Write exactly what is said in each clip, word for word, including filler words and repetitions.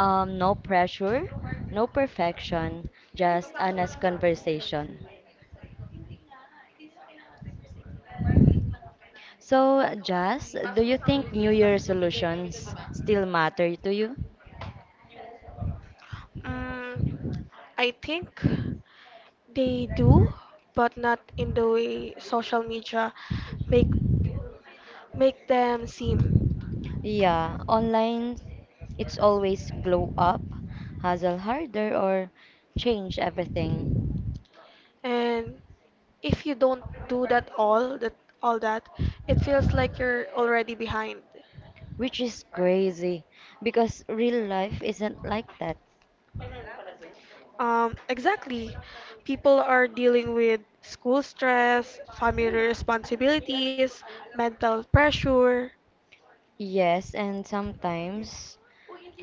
Um, no pressure, no perfection, just honest conversation. So, Jazz, do you think New Year resolutions still matter to you? Mm, I think they do, but not in the way social media make make them seem. Yeah, online, it's always glow up, hustle harder, or change everything. And if you don't do that all that all that, it feels like you're already behind. Which is crazy because real life isn't like that. Um, exactly. People are dealing with school stress, family responsibilities, mental pressure. Yes, and sometimes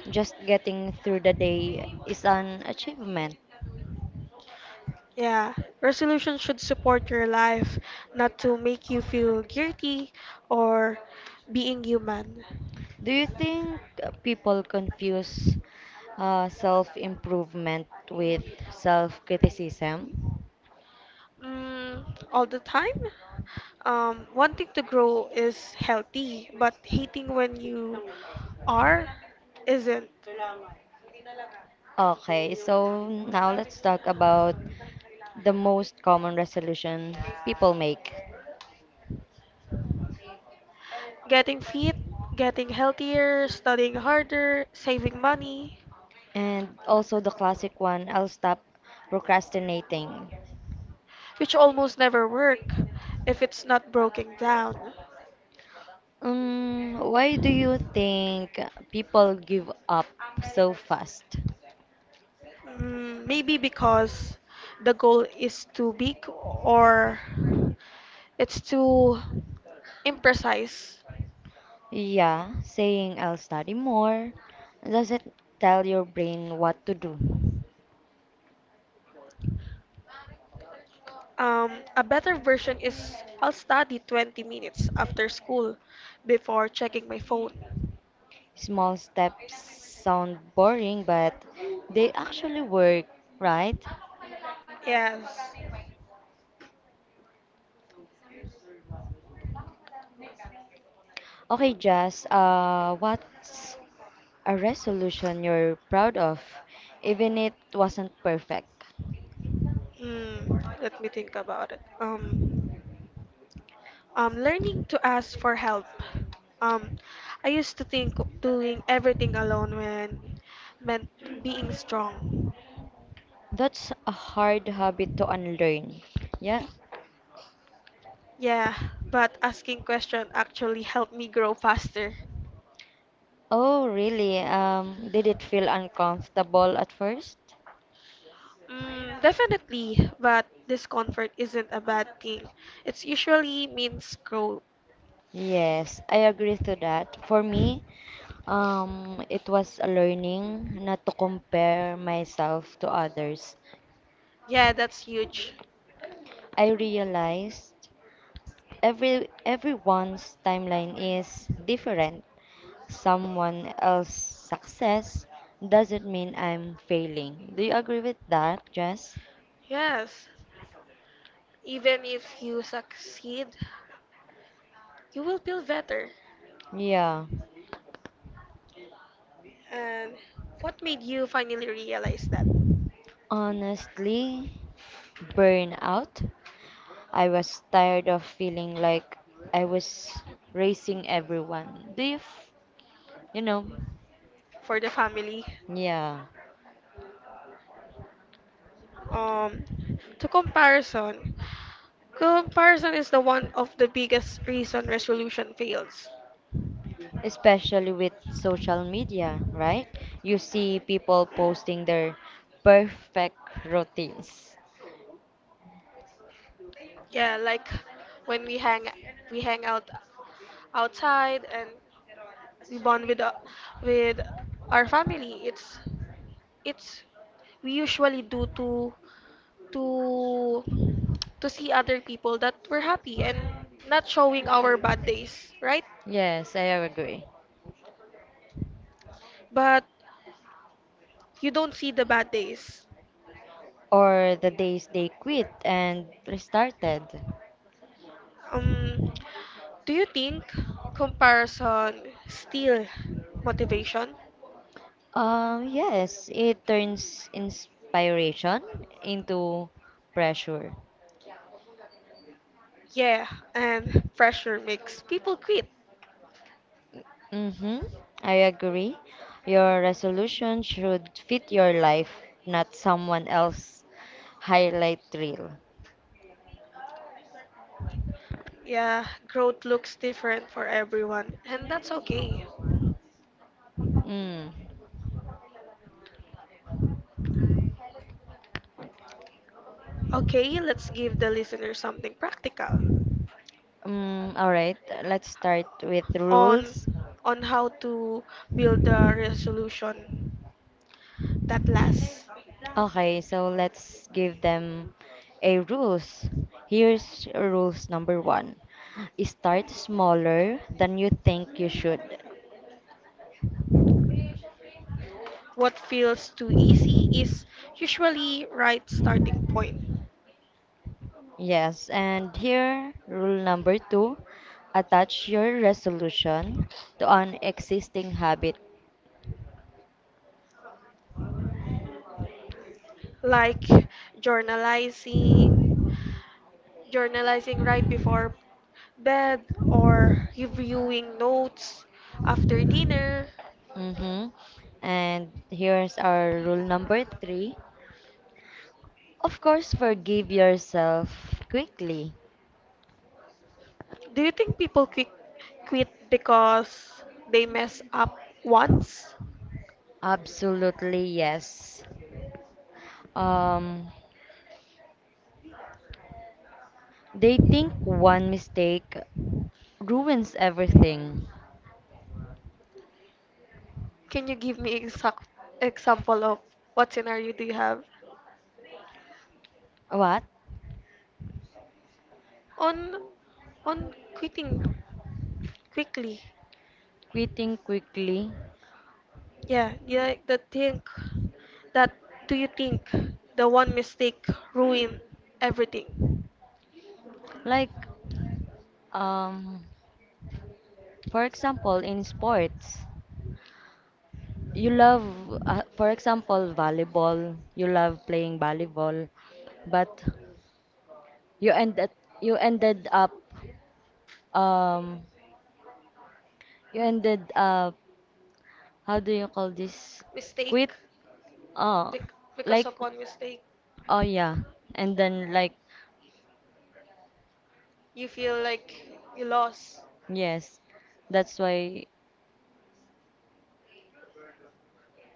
just getting through the day is an achievement. Yeah, resolution should support your life, not to make you feel guilty or being human. Do you think uh, people confuse uh, self improvement with self criticism? Mm, all the time? Um, wanting to grow is healthy, but hating when you are isn't. Okay, so now let's talk about the most common resolution people make. Getting fit, getting healthier, studying harder, saving money. And also the classic one, I'll stop procrastinating. Which almost never work if it's not broken down. Um, why do you think people give up so fast? Mm, maybe because the goal is too big or it's too imprecise. Yeah, saying I'll study more doesn't tell your brain what to do. Um, a better version is I'll study twenty minutes after school before checking my phone. Small steps sound boring, but they actually work, right? Yes. Okay, Jess, uh, what's a resolution you're proud of, even it wasn't perfect? Hmm, Let me think about it. Um, Um, learning to ask for help. Um, I used to think doing everything alone when meant being strong. That's a hard habit to unlearn. Yeah? Yeah, but asking question actually helped me grow faster. Oh, really? Um, did it feel uncomfortable at first? Mm, definitely, but discomfort isn't a bad thing. It's usually means growth. Yes, I agree to that. For me, um, it was a learning not to compare myself to others. Yeah, that's huge. I realized every everyone's timeline is different. Someone else's success doesn't mean I'm failing. Do you agree with that, Jess? Yes, even if you succeed, you will feel better. Yeah. And what made you finally realize that Honestly, burnout. I was tired of feeling like I was racing everyone. Do you, f- you know? for the family? Yeah. um, to comparison, comparison is the one of the biggest reason resolution fails. Especially with social media, right? You see people posting their perfect routines. Yeah, like when we hang we hang out outside and we bond with uh, with our family. It's it's we usually do to to to see other people that we're happy and not showing our bad days, right? Yes, I agree. But you don't see the bad days. Or the days they quit and restarted. Um, do you think comparison steal motivation? Um, yes, it turns inspiration into pressure. Yeah, and pressure makes people quit. Mm-hmm, I agree. Your resolution should fit your life, not someone else's highlight reel. Yeah, growth looks different for everyone, and that's okay. Mm. Okay, let's give the listener something practical Um, all right, let's start with rules. on on how to build a resolution that lasts. Okay, so let's give them a rules. Here's rules number one. Start smaller than you think you should. What feels too easy is usually right starting point, Yes, and here, rule number two, attach your resolution to an existing habit. like journalizing, journalizing right before bed or reviewing notes after dinner. Mm-hmm. And here's our rule number three. Of course, forgive yourself quickly. Do you think people quit quit because they mess up once? Absolutely, yes. Um, they think one mistake ruins everything. Can you give me exact example of what scenario do you have? What? On on quitting quickly. Quitting quickly? Yeah, you like the think that do you think the one mistake ruin everything? Like, um, for example, in sports, you love, uh, for example, volleyball. You love playing volleyball, but you ended you ended up, um, you ended up. How do you call this? Quit. Mistake Oh, bec- because like of one mistake oh yeah, and then like you feel like you lost. yes, that's why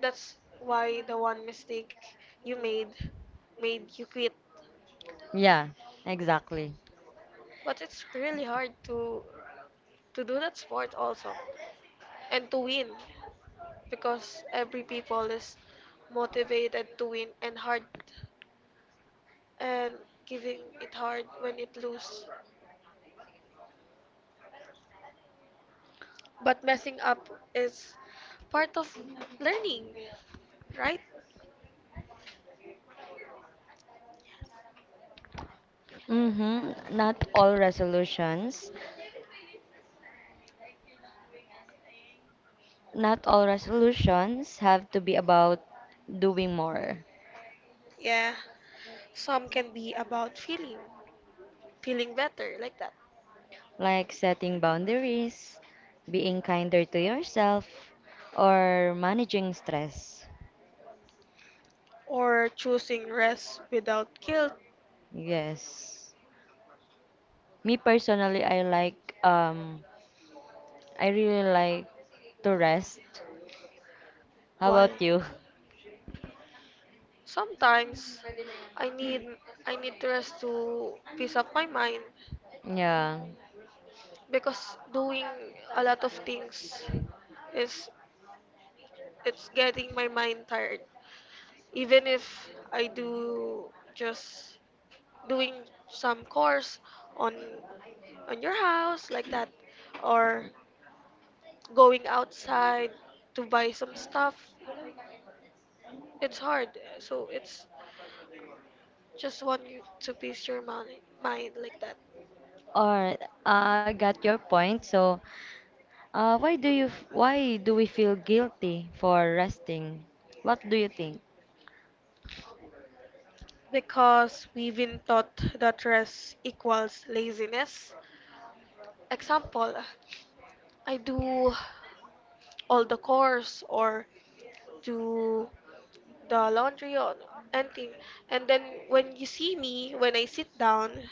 That's why the one mistake you made made you quit. yeah, exactly. But it's really hard to to do that sport also and to win. Because every people is motivated to win and hard and giving it hard when it lose. But messing up is part of learning, right? Mm-hmm. Not all resolutions, not all resolutions have to be about doing more, Yeah. Some can be about feeling, feeling better like that, like setting boundaries, being kinder to yourself, or managing stress. or choosing rest without guilt. Yes. Me personally, I like um I really like to rest. How Why? about you? Sometimes I need I need to rest to peace up my mind Yeah. because doing a lot of things is it's getting my mind tired. Even if I do just doing some course on on your house like that or going outside to buy some stuff, it's hard. So it's just want you to peace your mind mind like that. Or I got your point. So, uh, why do you f- why do we feel guilty for resting? What do you think? Because we've been taught that rest equals laziness. Example, I do all the course or do the laundry or anything. And then when you see me, when I sit down,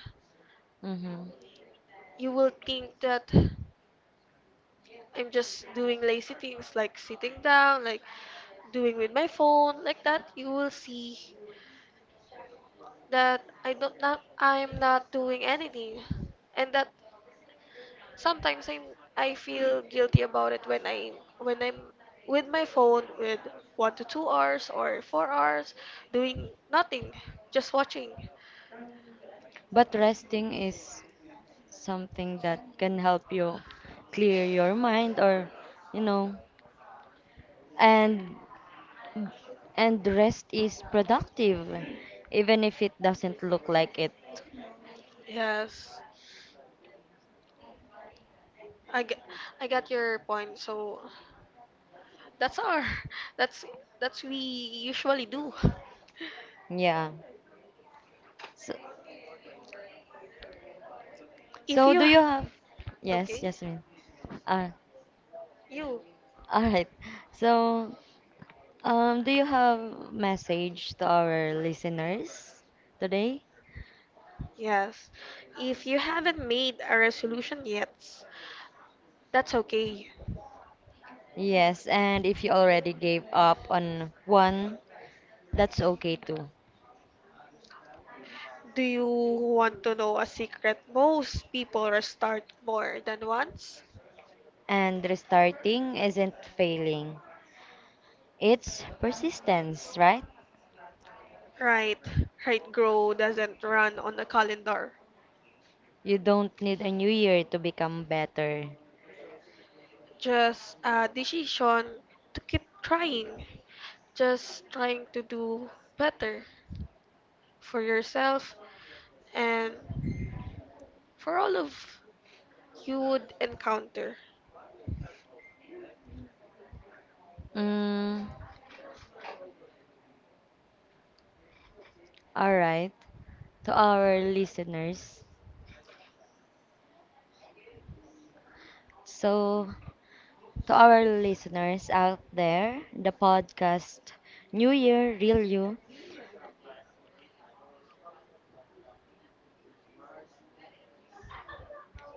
Mm-hmm. you will think that I'm just doing lazy things like sitting down, like doing with my phone, like that. You will see that I don't not I'm not doing anything, and that sometimes I I feel guilty about it when I when I'm with my phone with one to two hours or four hours doing nothing, just watching. But resting is something that can help you clear your mind or, you know, and and rest is productive, even if it doesn't look like it. Yes. I, g- I got your point. So that's our that's that's we usually do. Yeah. So, If so you do you have? Yes, okay, Jasmine. Uh, you all right. So, Um, do you have message to our listeners today? yes. If you haven't made a resolution yet, that's okay. Yes, and if you already gave up on one, that's okay too. Do you want to know a secret most people restart more than once? And restarting isn't failing. It's persistence, right? Right. Right grow doesn't run on a calendar. You don't need a new year to become better. Just a decision to keep trying. Just trying to do better. For yourself, and for all of you would encounter. Mm, all right. To our listeners, so to our listeners out there, the podcast New Year Real You,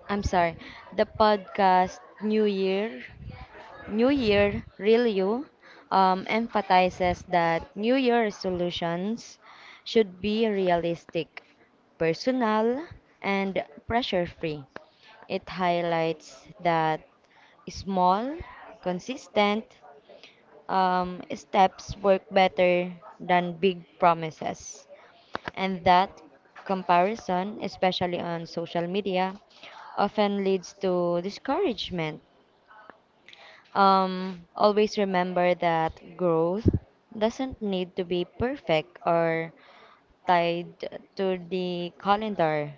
I'm sorry, the podcast New Year, New Year Real You, um, emphasizes that New Year resolutions should be realistic, personal, and pressure free. It highlights that small, consistent um, steps work better than big promises. And that comparison, especially on social media, often leads to discouragement. Um, always remember that growth doesn't need to be perfect or tied to the calendar.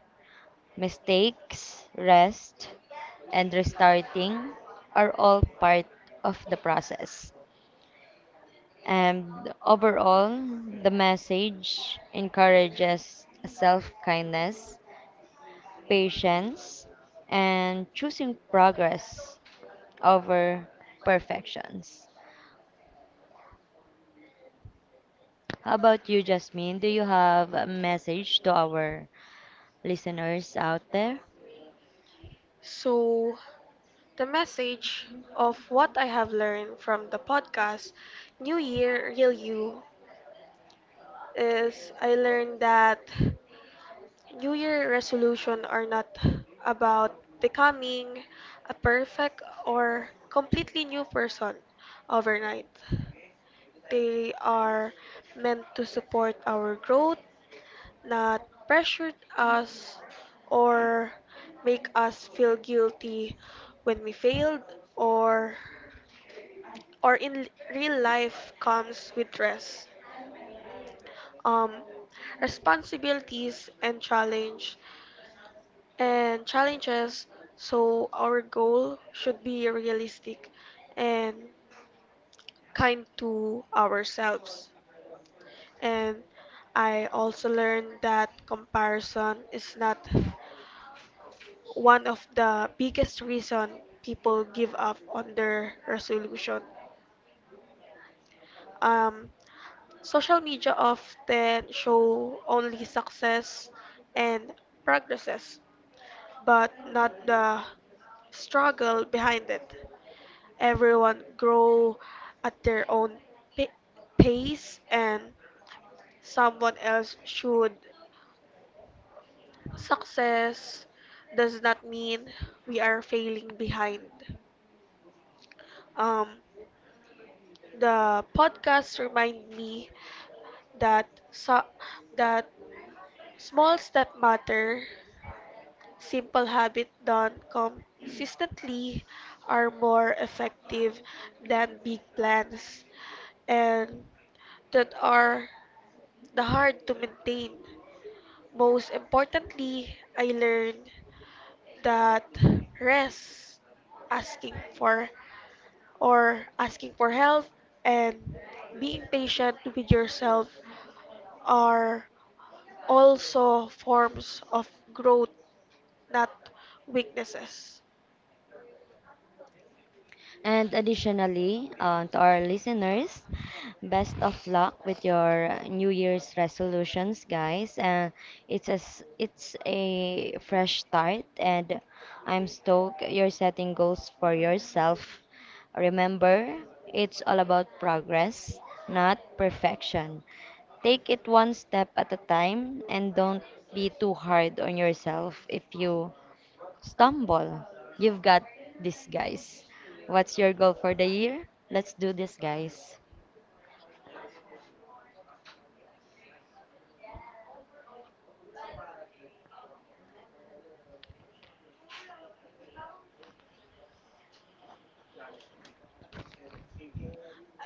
Mistakes, rest, and restarting are all part of the process. And overall, the message encourages self kindness patience, and choosing progress over perfections. How about you, Jasmine? Do you have a message to our listeners out there? So, the message of what I have learned from the podcast, New Year, Real You, is I learned that New Year resolution are not about becoming a perfect or completely new person overnight. They are meant to support our growth, not pressured us or make us feel guilty when we failed or or in real life comes with stress um responsibilities and challenge and challenges, so our goal should be realistic and kind to ourselves, and I also learned that comparison is not one of the biggest reason people give up on their resolution. Um, Social media often show only success and progresses, but not the struggle behind it. Everyone grow at their own pa- pace, and someone else should success does not mean we are failing behind. Um, The podcast remind me that so, that small step matter, simple habit done consistently are more effective than big plans and that are the hard to maintain. Most importantly, I learned that rest, asking for or asking for help and being patient with yourself are also forms of growth, not weaknesses. And additionally, uh, to our listeners, best of luck with your New Year's resolutions, guys. And it's a, s- it's a fresh start, and I'm stoked you're setting goals for yourself. Remember, it's all about progress, not perfection. Take it one step at a time and don't be too hard on yourself if you stumble. You've got this, guys. What's your goal for the year? Let's do this, guys.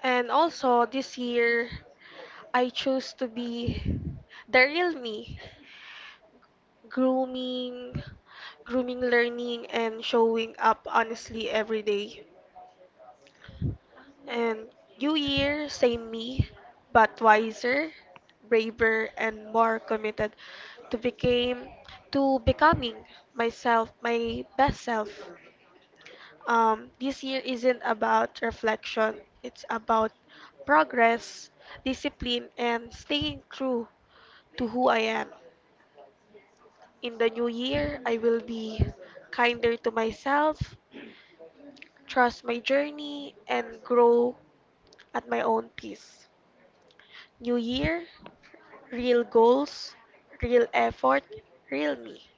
And also this year, I chose to be the real me, grooming, grooming, learning, and showing up honestly every day. And new year, same me, but wiser, braver, and more committed to became to becoming myself, my best self. Um, this year isn't about reflection, it's about progress, discipline, and staying true to who I am. In the new year, I will be kinder to myself, trust my journey, and grow at my own pace. New year, real goals, real effort, real me.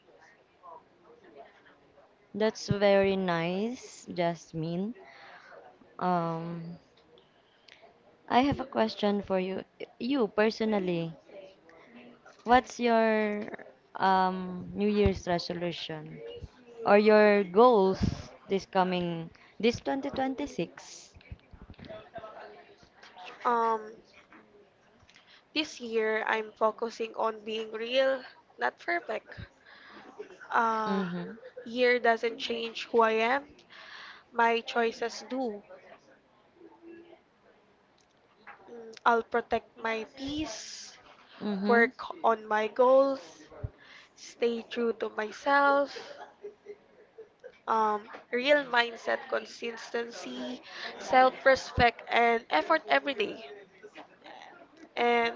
That's very nice, Jasmine. Um, I have a question for you. You personally, what's your um New Year's resolution or your goals this coming this twenty twenty-six? Um, this year, I'm focusing on being real, not perfect. Uh, Mm-hmm. year doesn't change who I am, my choices do. Mm, I'll protect my peace, Mm-hmm. work on my goals, stay true to myself, um, real mindset, consistency, self respect, and effort every day. And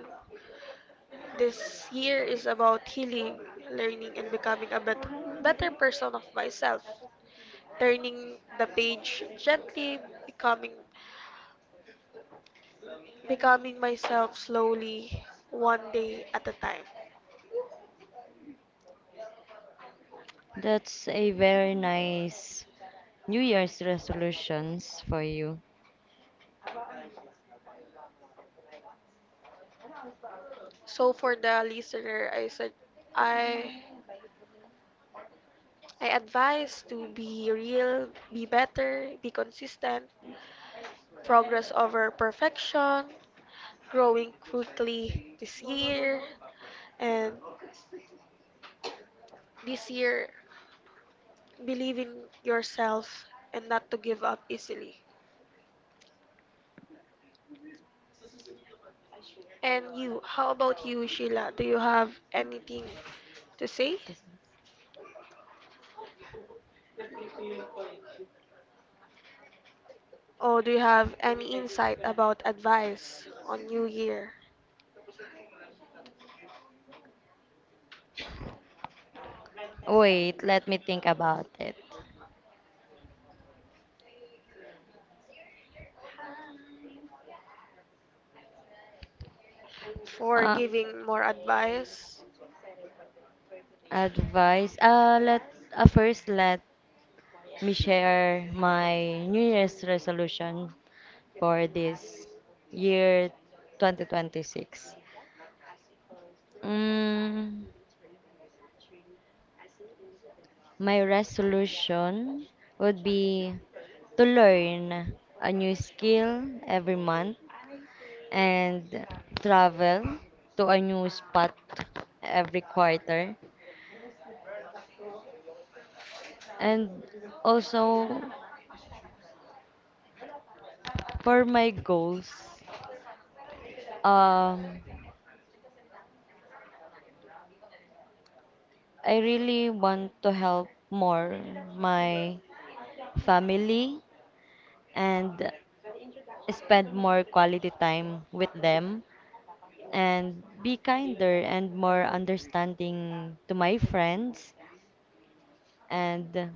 this year is about healing, learning, and becoming a bet- better person of myself. Turning the page gently, becoming, becoming myself slowly, one day at a time. That's a very nice New Year's resolutions for you. So for the listener, I said I I advise to be real, be better, be consistent, progress over perfection, growing quickly this year and this year believe in yourself and not to give up easily. And you, how about you, Sheila? Do you have anything to say? Or do you have any insight about advice on New Year? Wait, let me think about it. For Uh, giving more advice. Advice. Uh, let uh, first let me share my New Year's resolution for this year twenty twenty-six. Mm, my resolution would be to learn a new skill every month and travel to a new spot every quarter and also for my goals, um, I really want to help more my family and spend more quality time with them and be kinder and more understanding to my friends and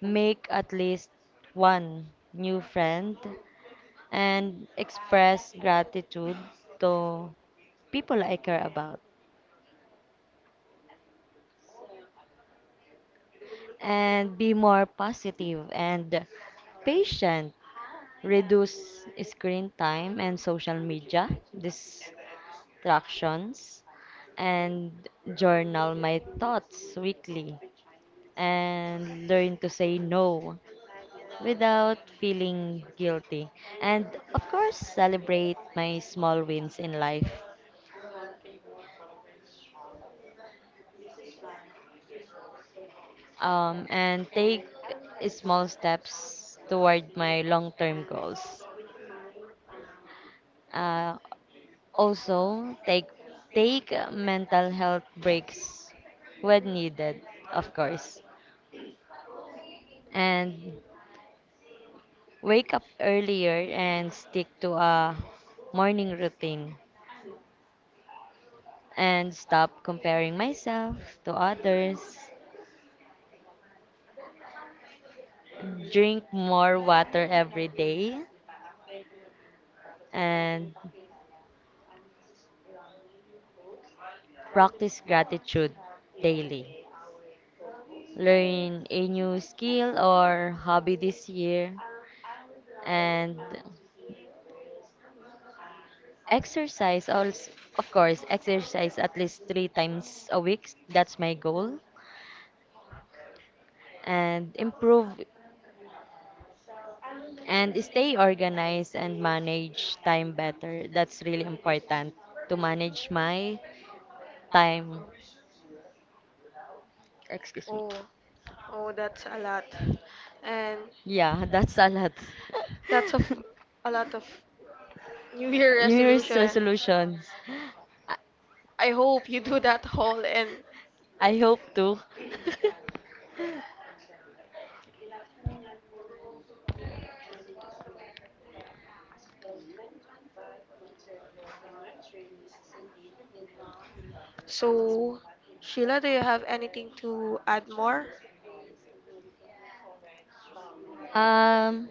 make at least one new friend and express gratitude to people I care about. And be more positive and patient. Reduce screen time and social media distractions and journal my thoughts weekly and learn to say no without feeling guilty. And of course, celebrate my small wins in life, um, and take small steps toward my long term goals. Uh, Also, take take mental health breaks when needed, of course. And wake up earlier and stick to a morning routine and stop comparing myself to others. Drink more water every day and practice gratitude daily. Learn a new skill or hobby this year and exercise, also, of course, exercise at least three times a week. That's my goal. And improve and stay organized and manage time better. That's really important to manage my time. Excuse me. Oh, oh, that's a lot. And Yeah, that's a lot. that's of a lot of New Year New Year's resolution. resolutions. I, I hope you do that whole. And I hope to. so Sheila, do you have anything to add more? um,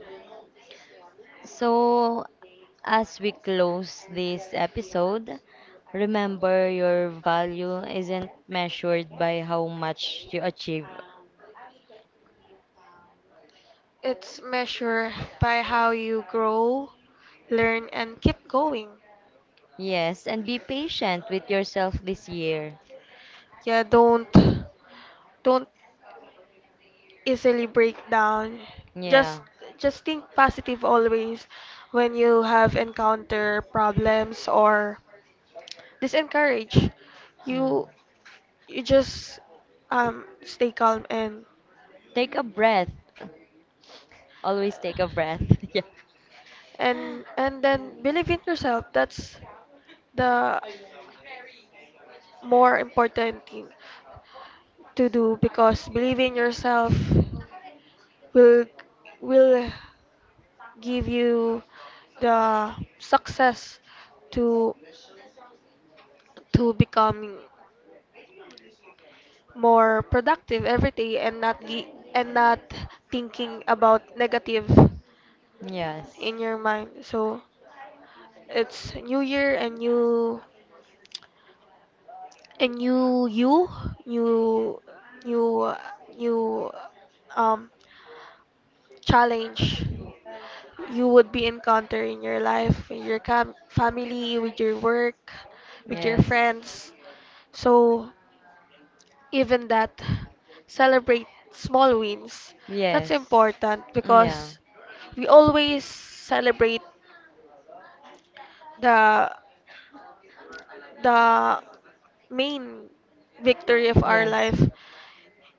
So, as we close this episode, remember your value isn't measured by how much you achieve. It's measured by how you grow, learn and keep going. Yes, and be patient with yourself this year. Yeah, don't don't easily break down. Just Yeah. just think positive always when you have encounter problems or disencourage. Mm. You you just um stay calm and Take a breath. Always take a breath. Yeah. and and then believe in yourself. That's the more important thing to do because believe in yourself will will give you the success to to becoming more productive every day and not gi- and not thinking about negative Yes. in your mind. So it's new year and new and new you, new new new um challenge you would be encountering in your life, with your cam- family, with your work, with your Yes. friends. So even that celebrate small wins. That's Yes. important Yeah. because we always celebrate the the main victory of our Yes. life.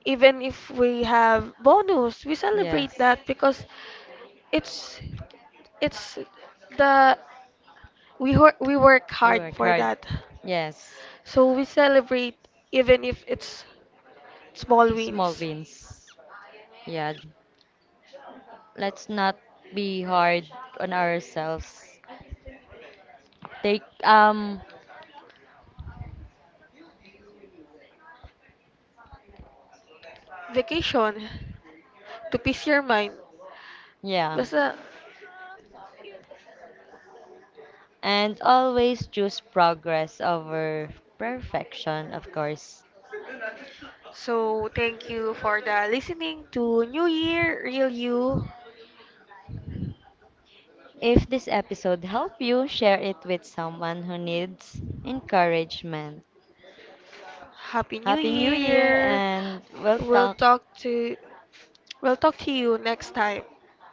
Even if we have bonus, we celebrate Yes. that because it's it's the we hor- we work hard Ruin for card. that. Yes. So we celebrate even if it's small Small wins. wins. Yeah. Let's not be hard on ourselves. Take um Vacation to peace your mind. yeah. Basta, And always choose progress over perfection, of course. so thank you for the listening to New Year, Real You. If this episode helped you, share it with someone who needs encouragement. Happy New Happy New Year, Year. and we'll We'll talk. talk to we'll talk to you next time.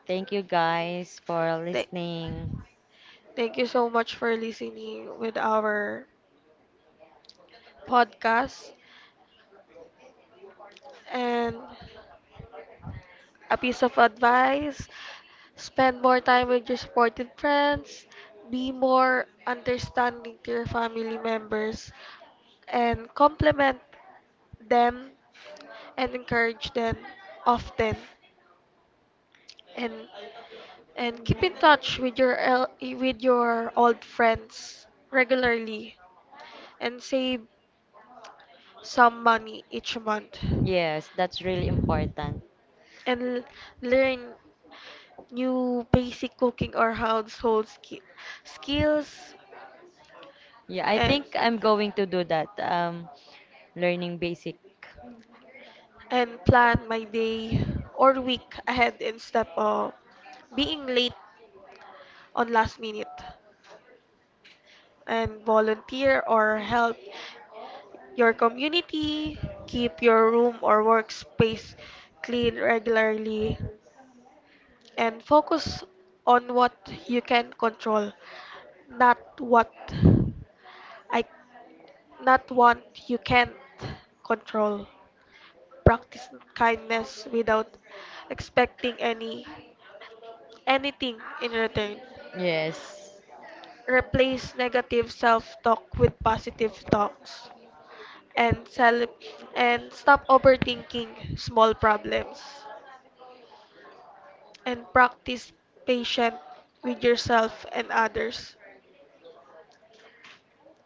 Thank you guys for Th- listening. Thank you so much for listening with our podcast and a piece of advice. Spend more time with your supportive friends. Be more understanding to your family members and compliment them and encourage them often and and keep in touch with your el- with your old friends regularly and save some money each month Yes, that's really important. and learn new basic cooking or household ski- skills Yeah, I and think I'm going to do that. Um, learning basic and plan my day or week ahead instead of being late on last minute and volunteer or help your community keep your room or workspace clean regularly and focus on what you can control not what I not what you can't control practice kindness without expecting any anything in return. yes. Replace negative self-talk with positive talks and cel- and stop overthinking small problems and practice patient with yourself and others.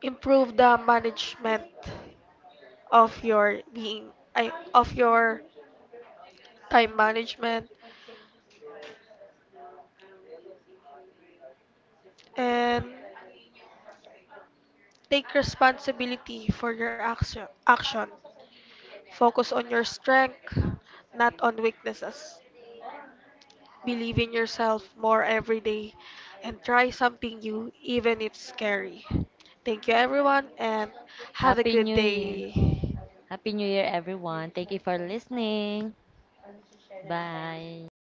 Improve the management of your being I, of your time management and take responsibility for your action action. Focus on your strength, not on weaknesses. Believe in yourself more every day and try something new, even if scary. Thank you, everyone, and have a Happy good New Year. day. Happy New Year, everyone. Thank you for listening. Bye.